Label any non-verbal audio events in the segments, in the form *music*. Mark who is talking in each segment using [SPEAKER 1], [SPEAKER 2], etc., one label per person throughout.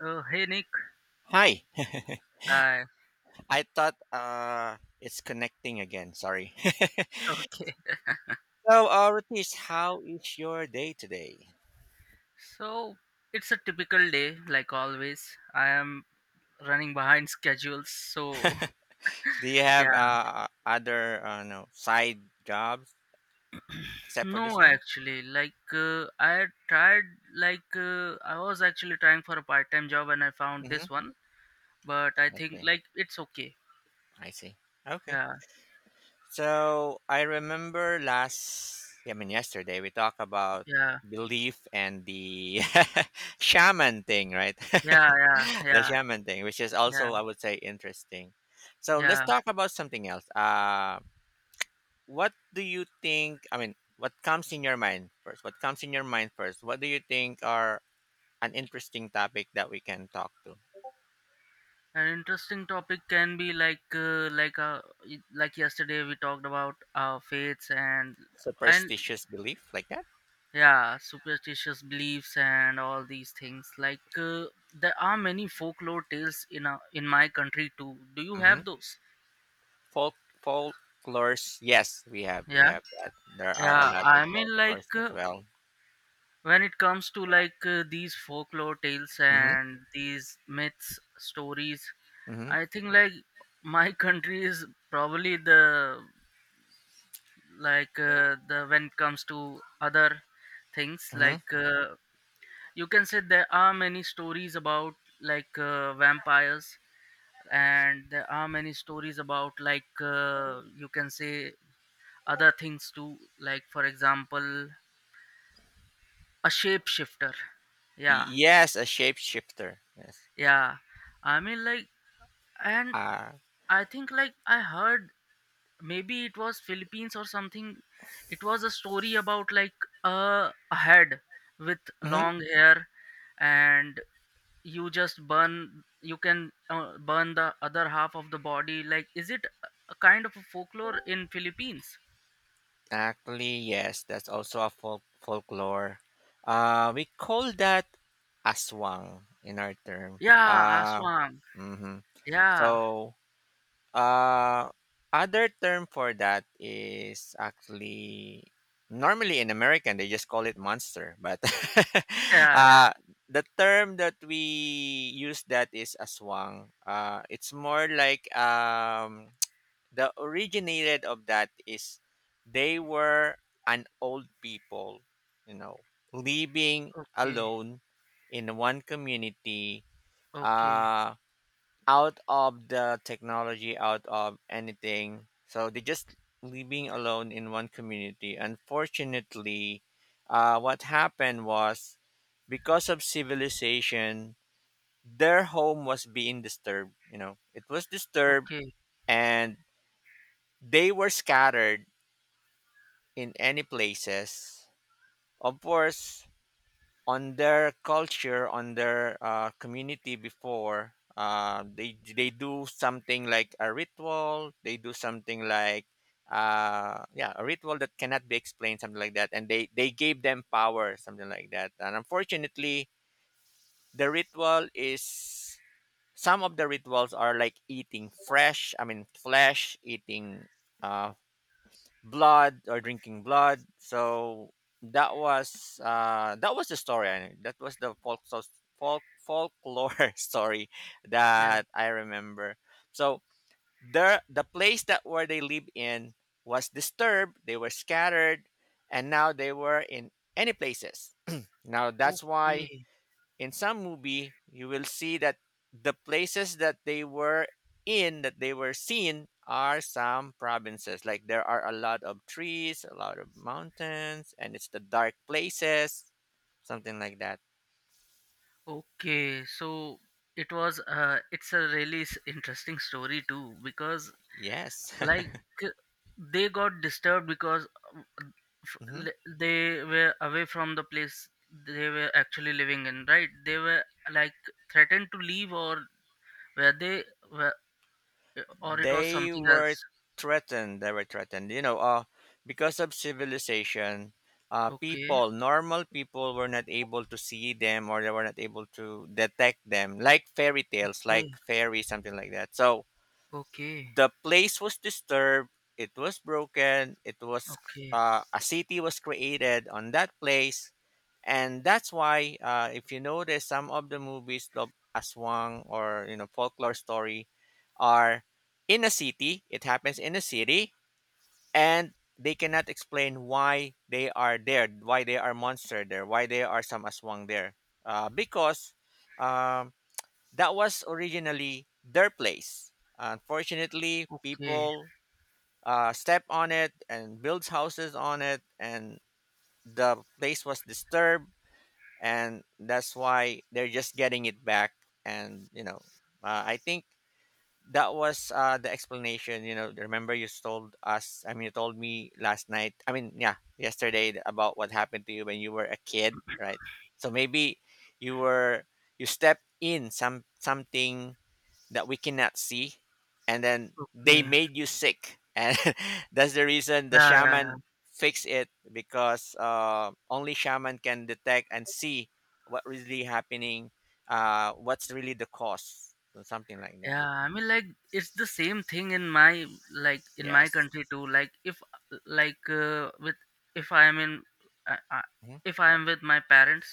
[SPEAKER 1] Oh, hey Nick.
[SPEAKER 2] Hi.
[SPEAKER 1] Hi. *laughs*
[SPEAKER 2] *laughs* I thought it's connecting again. Sorry. *laughs*
[SPEAKER 1] Okay.
[SPEAKER 2] So, Ratish, how is your day today?
[SPEAKER 1] So it's a typical day, like always. I am running behind schedules, so
[SPEAKER 2] Do you
[SPEAKER 1] *laughs* yeah.
[SPEAKER 2] have other no, side jobs except for this
[SPEAKER 1] No,
[SPEAKER 2] one?
[SPEAKER 1] actually, I tried, I was actually trying for a part-time job, and I found
[SPEAKER 2] Mm-hmm.
[SPEAKER 1] this one. But I
[SPEAKER 2] I
[SPEAKER 1] think
[SPEAKER 2] see.
[SPEAKER 1] like it's okay.
[SPEAKER 2] I see. Okay.
[SPEAKER 1] Yeah,
[SPEAKER 2] So, I remember yesterday, we talked about
[SPEAKER 1] yeah,
[SPEAKER 2] belief and the *laughs* shaman thing, right?
[SPEAKER 1] yeah, yeah,
[SPEAKER 2] *laughs* The
[SPEAKER 1] yeah,
[SPEAKER 2] shaman thing, which is
[SPEAKER 1] yeah,
[SPEAKER 2] also, I would say, interesting. So let's
[SPEAKER 1] yeah.
[SPEAKER 2] talk about something else. What do you think I mean what comes in your mind first what comes in your mind first what do you think are an interesting topic that we can talk to?
[SPEAKER 1] An interesting topic can be like yesterday we talked about our faiths and
[SPEAKER 2] Superstitious belief like that?
[SPEAKER 1] yeah superstitious beliefs and all these things there are many folklore tales in our, in my country too. Do you
[SPEAKER 2] Mm-hmm.
[SPEAKER 1] have those?
[SPEAKER 2] folk Folklores, yes, we have, we
[SPEAKER 1] Yeah,
[SPEAKER 2] have that. There are a
[SPEAKER 1] yeah,
[SPEAKER 2] lot of
[SPEAKER 1] I mean
[SPEAKER 2] folklores as well.
[SPEAKER 1] when it comes to these folklore tales
[SPEAKER 2] Mm-hmm.
[SPEAKER 1] and these myths stories,
[SPEAKER 2] Mm-hmm.
[SPEAKER 1] I think like my *laughs* country is probably the, the, when it comes to other things,
[SPEAKER 2] Mm-hmm.
[SPEAKER 1] you can say there are many stories about vampires, and there are many stories about you can say other things too, like for example a shapeshifter. Yeah,
[SPEAKER 2] Yes, a shapeshifter, yes.
[SPEAKER 1] yeah, I mean like. And
[SPEAKER 2] uh
[SPEAKER 1] I think like I heard maybe it was Philippines or something. It was a story about like a head with
[SPEAKER 2] mhm.
[SPEAKER 1] long hair and you just burn, you can burn the other half of the body. Like, is it a kind of a folklore in Philippines?
[SPEAKER 2] Actually, yes, that's also a folklore. We call that aswang in our term.
[SPEAKER 1] Yeah, Aswang.
[SPEAKER 2] Mhm.
[SPEAKER 1] Yeah.
[SPEAKER 2] So, uh, other term for that is actually normally in American they just call it monster, but *laughs*
[SPEAKER 1] Yeah, yeah.
[SPEAKER 2] uh, the term that we use that is aswang. It's more like the originated of that is they were an old people, you know, living
[SPEAKER 1] Okay.
[SPEAKER 2] alone in one community,
[SPEAKER 1] Okay.
[SPEAKER 2] uh, out of the technology, out of anything. So they just living alone in one community. Unfortunately, what happened was because of civilization, their home was being disturbed. You know, it was disturbed
[SPEAKER 1] Okay.
[SPEAKER 2] and they were scattered in any places. Of course, on their culture, on their community before, they do something like a ritual. They do something like yeah, a ritual that cannot be explained, something like that, and they gave them power, something like that. And unfortunately the ritual is, some of the rituals are like eating fresh I mean flesh, eating uh, blood or drinking blood. So that was the story. I that was the folk, so, folklore *laughs* story
[SPEAKER 1] Yeah.
[SPEAKER 2] that I remember. So there, the place that where they live in was disturbed. They were scattered, and now they were in any places. *clears throat* Now that's why
[SPEAKER 1] Okay.
[SPEAKER 2] in some movie you will see that the places that they were in, that they were seen, are some provinces, like there are a lot of trees, a lot of mountains, and it's the dark places, something like that.
[SPEAKER 1] Okay. So it was uh, it's a really s- interesting story too, because
[SPEAKER 2] Yes.
[SPEAKER 1] like
[SPEAKER 2] *laughs*
[SPEAKER 1] they got disturbed because um, f-
[SPEAKER 2] Mhm.
[SPEAKER 1] l- they were away from the place they were actually living in, right? They were like threatened to leave, or were they, were, or it was
[SPEAKER 2] they
[SPEAKER 1] something
[SPEAKER 2] were
[SPEAKER 1] else.
[SPEAKER 2] threatened they were threatened you know. Because of civilization,
[SPEAKER 1] Okay.
[SPEAKER 2] people normal people were not able to see them, or they were not able to detect them, like fairy tales,
[SPEAKER 1] Okay.
[SPEAKER 2] like fairy, something like that. So
[SPEAKER 1] Okay.
[SPEAKER 2] the place was disturbed, it was broken, it was
[SPEAKER 1] Okay.
[SPEAKER 2] a city was created on that place, and that's why if you notice some of the movies of aswang, or you know, folklore story, are in a city. It happens in a city. And they cannot explain why they are there, why they are monster there, why they are some aswang there, because um, that was originally their place. Unfortunately,
[SPEAKER 1] Okay,
[SPEAKER 2] people stepped on it and built houses on it, and the place was disturbed, and that's why they're just getting it back. And you know, I think that was the explanation. You know, remember you told you told me last night. I mean, yeah, yesterday about what happened to you when you were a kid, right? So maybe you were you stepped in something that we cannot see, and then they
[SPEAKER 1] okay.
[SPEAKER 2] made you sick and *laughs* that's the reason the
[SPEAKER 1] Yeah, yeah,
[SPEAKER 2] shaman fixed it, because only shaman can detect and see what really happening, what's really the cause, so something like that.
[SPEAKER 1] yeah. I
[SPEAKER 2] Mhm.
[SPEAKER 1] mean, like it's the same thing in my, like in my
[SPEAKER 2] Yes.
[SPEAKER 1] country too. Like if like with, if I am in uh, uh,
[SPEAKER 2] Mm-hmm.
[SPEAKER 1] if I am with my parents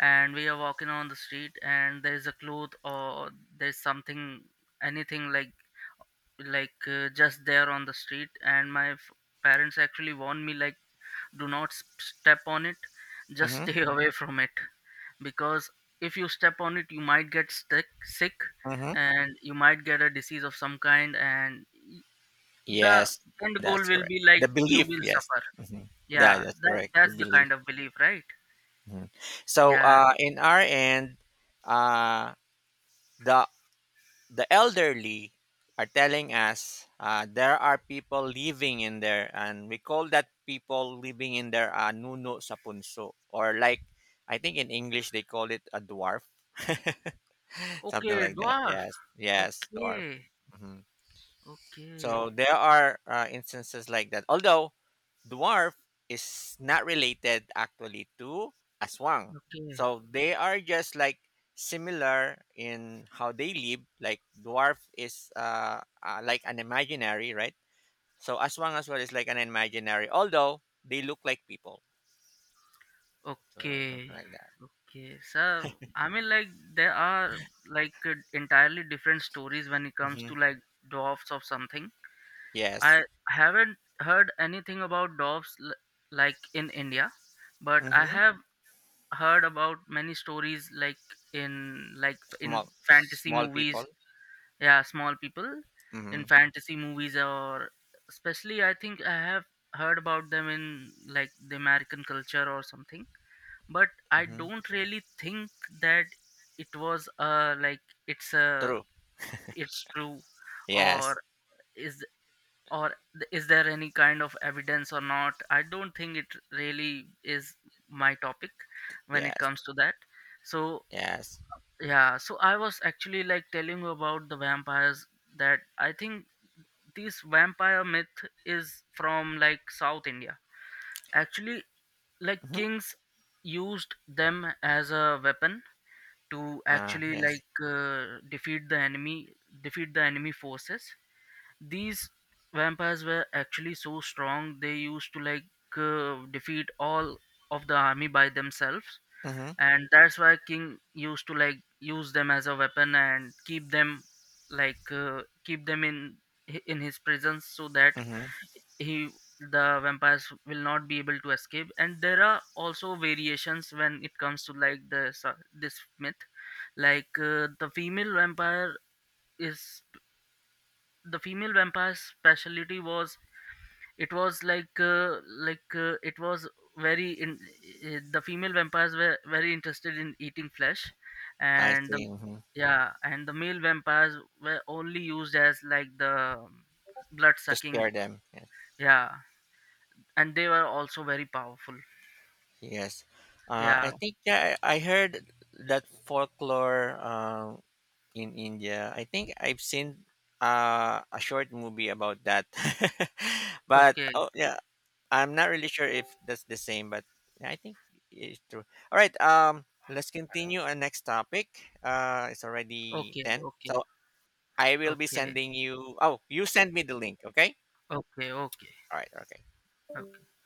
[SPEAKER 1] and we are walking on the street and there is a cloth or there's something, anything like, just there on the street, and my f- parents actually warn me like, do not s- step on it, just stay *laughs* away from it. Because if you step on it you might get stick, sick,
[SPEAKER 2] Mm-hmm.
[SPEAKER 1] and you might get a disease of some kind, and y- the
[SPEAKER 2] Yes,
[SPEAKER 1] end goal
[SPEAKER 2] that's
[SPEAKER 1] will
[SPEAKER 2] correct,
[SPEAKER 1] be like
[SPEAKER 2] the
[SPEAKER 1] you
[SPEAKER 2] belief,
[SPEAKER 1] will
[SPEAKER 2] yes.
[SPEAKER 1] suffer.
[SPEAKER 2] Hmm. Yeah,
[SPEAKER 1] Yeah,
[SPEAKER 2] that's
[SPEAKER 1] that,
[SPEAKER 2] correct, the
[SPEAKER 1] that's the
[SPEAKER 2] belief.
[SPEAKER 1] kind of belief, right?
[SPEAKER 2] Mhm. So
[SPEAKER 1] Yeah.
[SPEAKER 2] in our end, uh, the the elderly are telling us there are people living in there, and we call that people living in there nuno sa punso, or like I think in English they call it a dwarf, *laughs* something
[SPEAKER 1] Okay,
[SPEAKER 2] like that.
[SPEAKER 1] dwarf.
[SPEAKER 2] Yes, yes, dwarf.
[SPEAKER 1] Okay.
[SPEAKER 2] Mm-hmm.
[SPEAKER 1] Okay.
[SPEAKER 2] So there are instances like that. Although dwarf is not related actually to aswang.
[SPEAKER 1] Okay.
[SPEAKER 2] So they are just like similar in how they live. Like dwarf is like an imaginary, right? So aswang as well is like an imaginary. Although they look like people. So
[SPEAKER 1] Okay.
[SPEAKER 2] something like that.
[SPEAKER 1] Okay. so I mean like there are entirely different stories when it comes
[SPEAKER 2] Hmm.
[SPEAKER 1] to like dwarfs of something. I
[SPEAKER 2] Yes.
[SPEAKER 1] haven't heard anything about doves l- like in India, but I
[SPEAKER 2] Hmm.
[SPEAKER 1] have heard about many stories like in, like in
[SPEAKER 2] Small,
[SPEAKER 1] fantasy
[SPEAKER 2] small people.
[SPEAKER 1] movies. Yeah, small people in
[SPEAKER 2] Hmm.
[SPEAKER 1] fantasy movies, or especially I think I have heard about them in like the American culture or something. But I
[SPEAKER 2] Hmm.
[SPEAKER 1] don't really think that it was uh, like it's a,
[SPEAKER 2] True.
[SPEAKER 1] it's true,
[SPEAKER 2] Yes.
[SPEAKER 1] or is, or th- is there any kind of evidence or not. I don't think it really is my topic when it
[SPEAKER 2] Yes.
[SPEAKER 1] comes to that. So
[SPEAKER 2] Yes.
[SPEAKER 1] yeah, so I was actually like telling you about the vampires, that I think this vampire myth is from like South India, actually. Like
[SPEAKER 2] Hmm.
[SPEAKER 1] kings used them as a weapon to
[SPEAKER 2] Ah,
[SPEAKER 1] actually
[SPEAKER 2] yes.
[SPEAKER 1] defeat the enemy, defeat the enemy forces. These vampires were actually so strong, they used to defeat all of the army by themselves,
[SPEAKER 2] Mm-hmm.
[SPEAKER 1] and that's why king used to like use them as a weapon and keep them, keep them in his presence so that
[SPEAKER 2] Mm-hmm.
[SPEAKER 1] he, the vampires will not be able to escape. And there are also variations when it comes to like the sa- this myth, the female vampire is, the female vampire's specialty was, it was it was very in, the female vampires were very interested in eating flesh,
[SPEAKER 2] I
[SPEAKER 1] and the,
[SPEAKER 2] see. Hmm.
[SPEAKER 1] yeah, and the male vampires were only used as like the blood
[SPEAKER 2] To
[SPEAKER 1] sucking.
[SPEAKER 2] scare them. Yes.
[SPEAKER 1] Yeah, and they were also very powerful.
[SPEAKER 2] Yes. I
[SPEAKER 1] yeah
[SPEAKER 2] think yeah, I heard that folklore in India. I think I've seen a short movie about that. *laughs* But
[SPEAKER 1] okay
[SPEAKER 2] oh yeah, I'm not really sure if that's the same. But yeah, I think it's true. All right. Let's continue our next topic. It's already
[SPEAKER 1] okay
[SPEAKER 2] 10.
[SPEAKER 1] okay
[SPEAKER 2] So I will be
[SPEAKER 1] okay
[SPEAKER 2] sending you. Oh, you send me the link. Okay.
[SPEAKER 1] okay okay
[SPEAKER 2] All right. Okay.
[SPEAKER 1] okay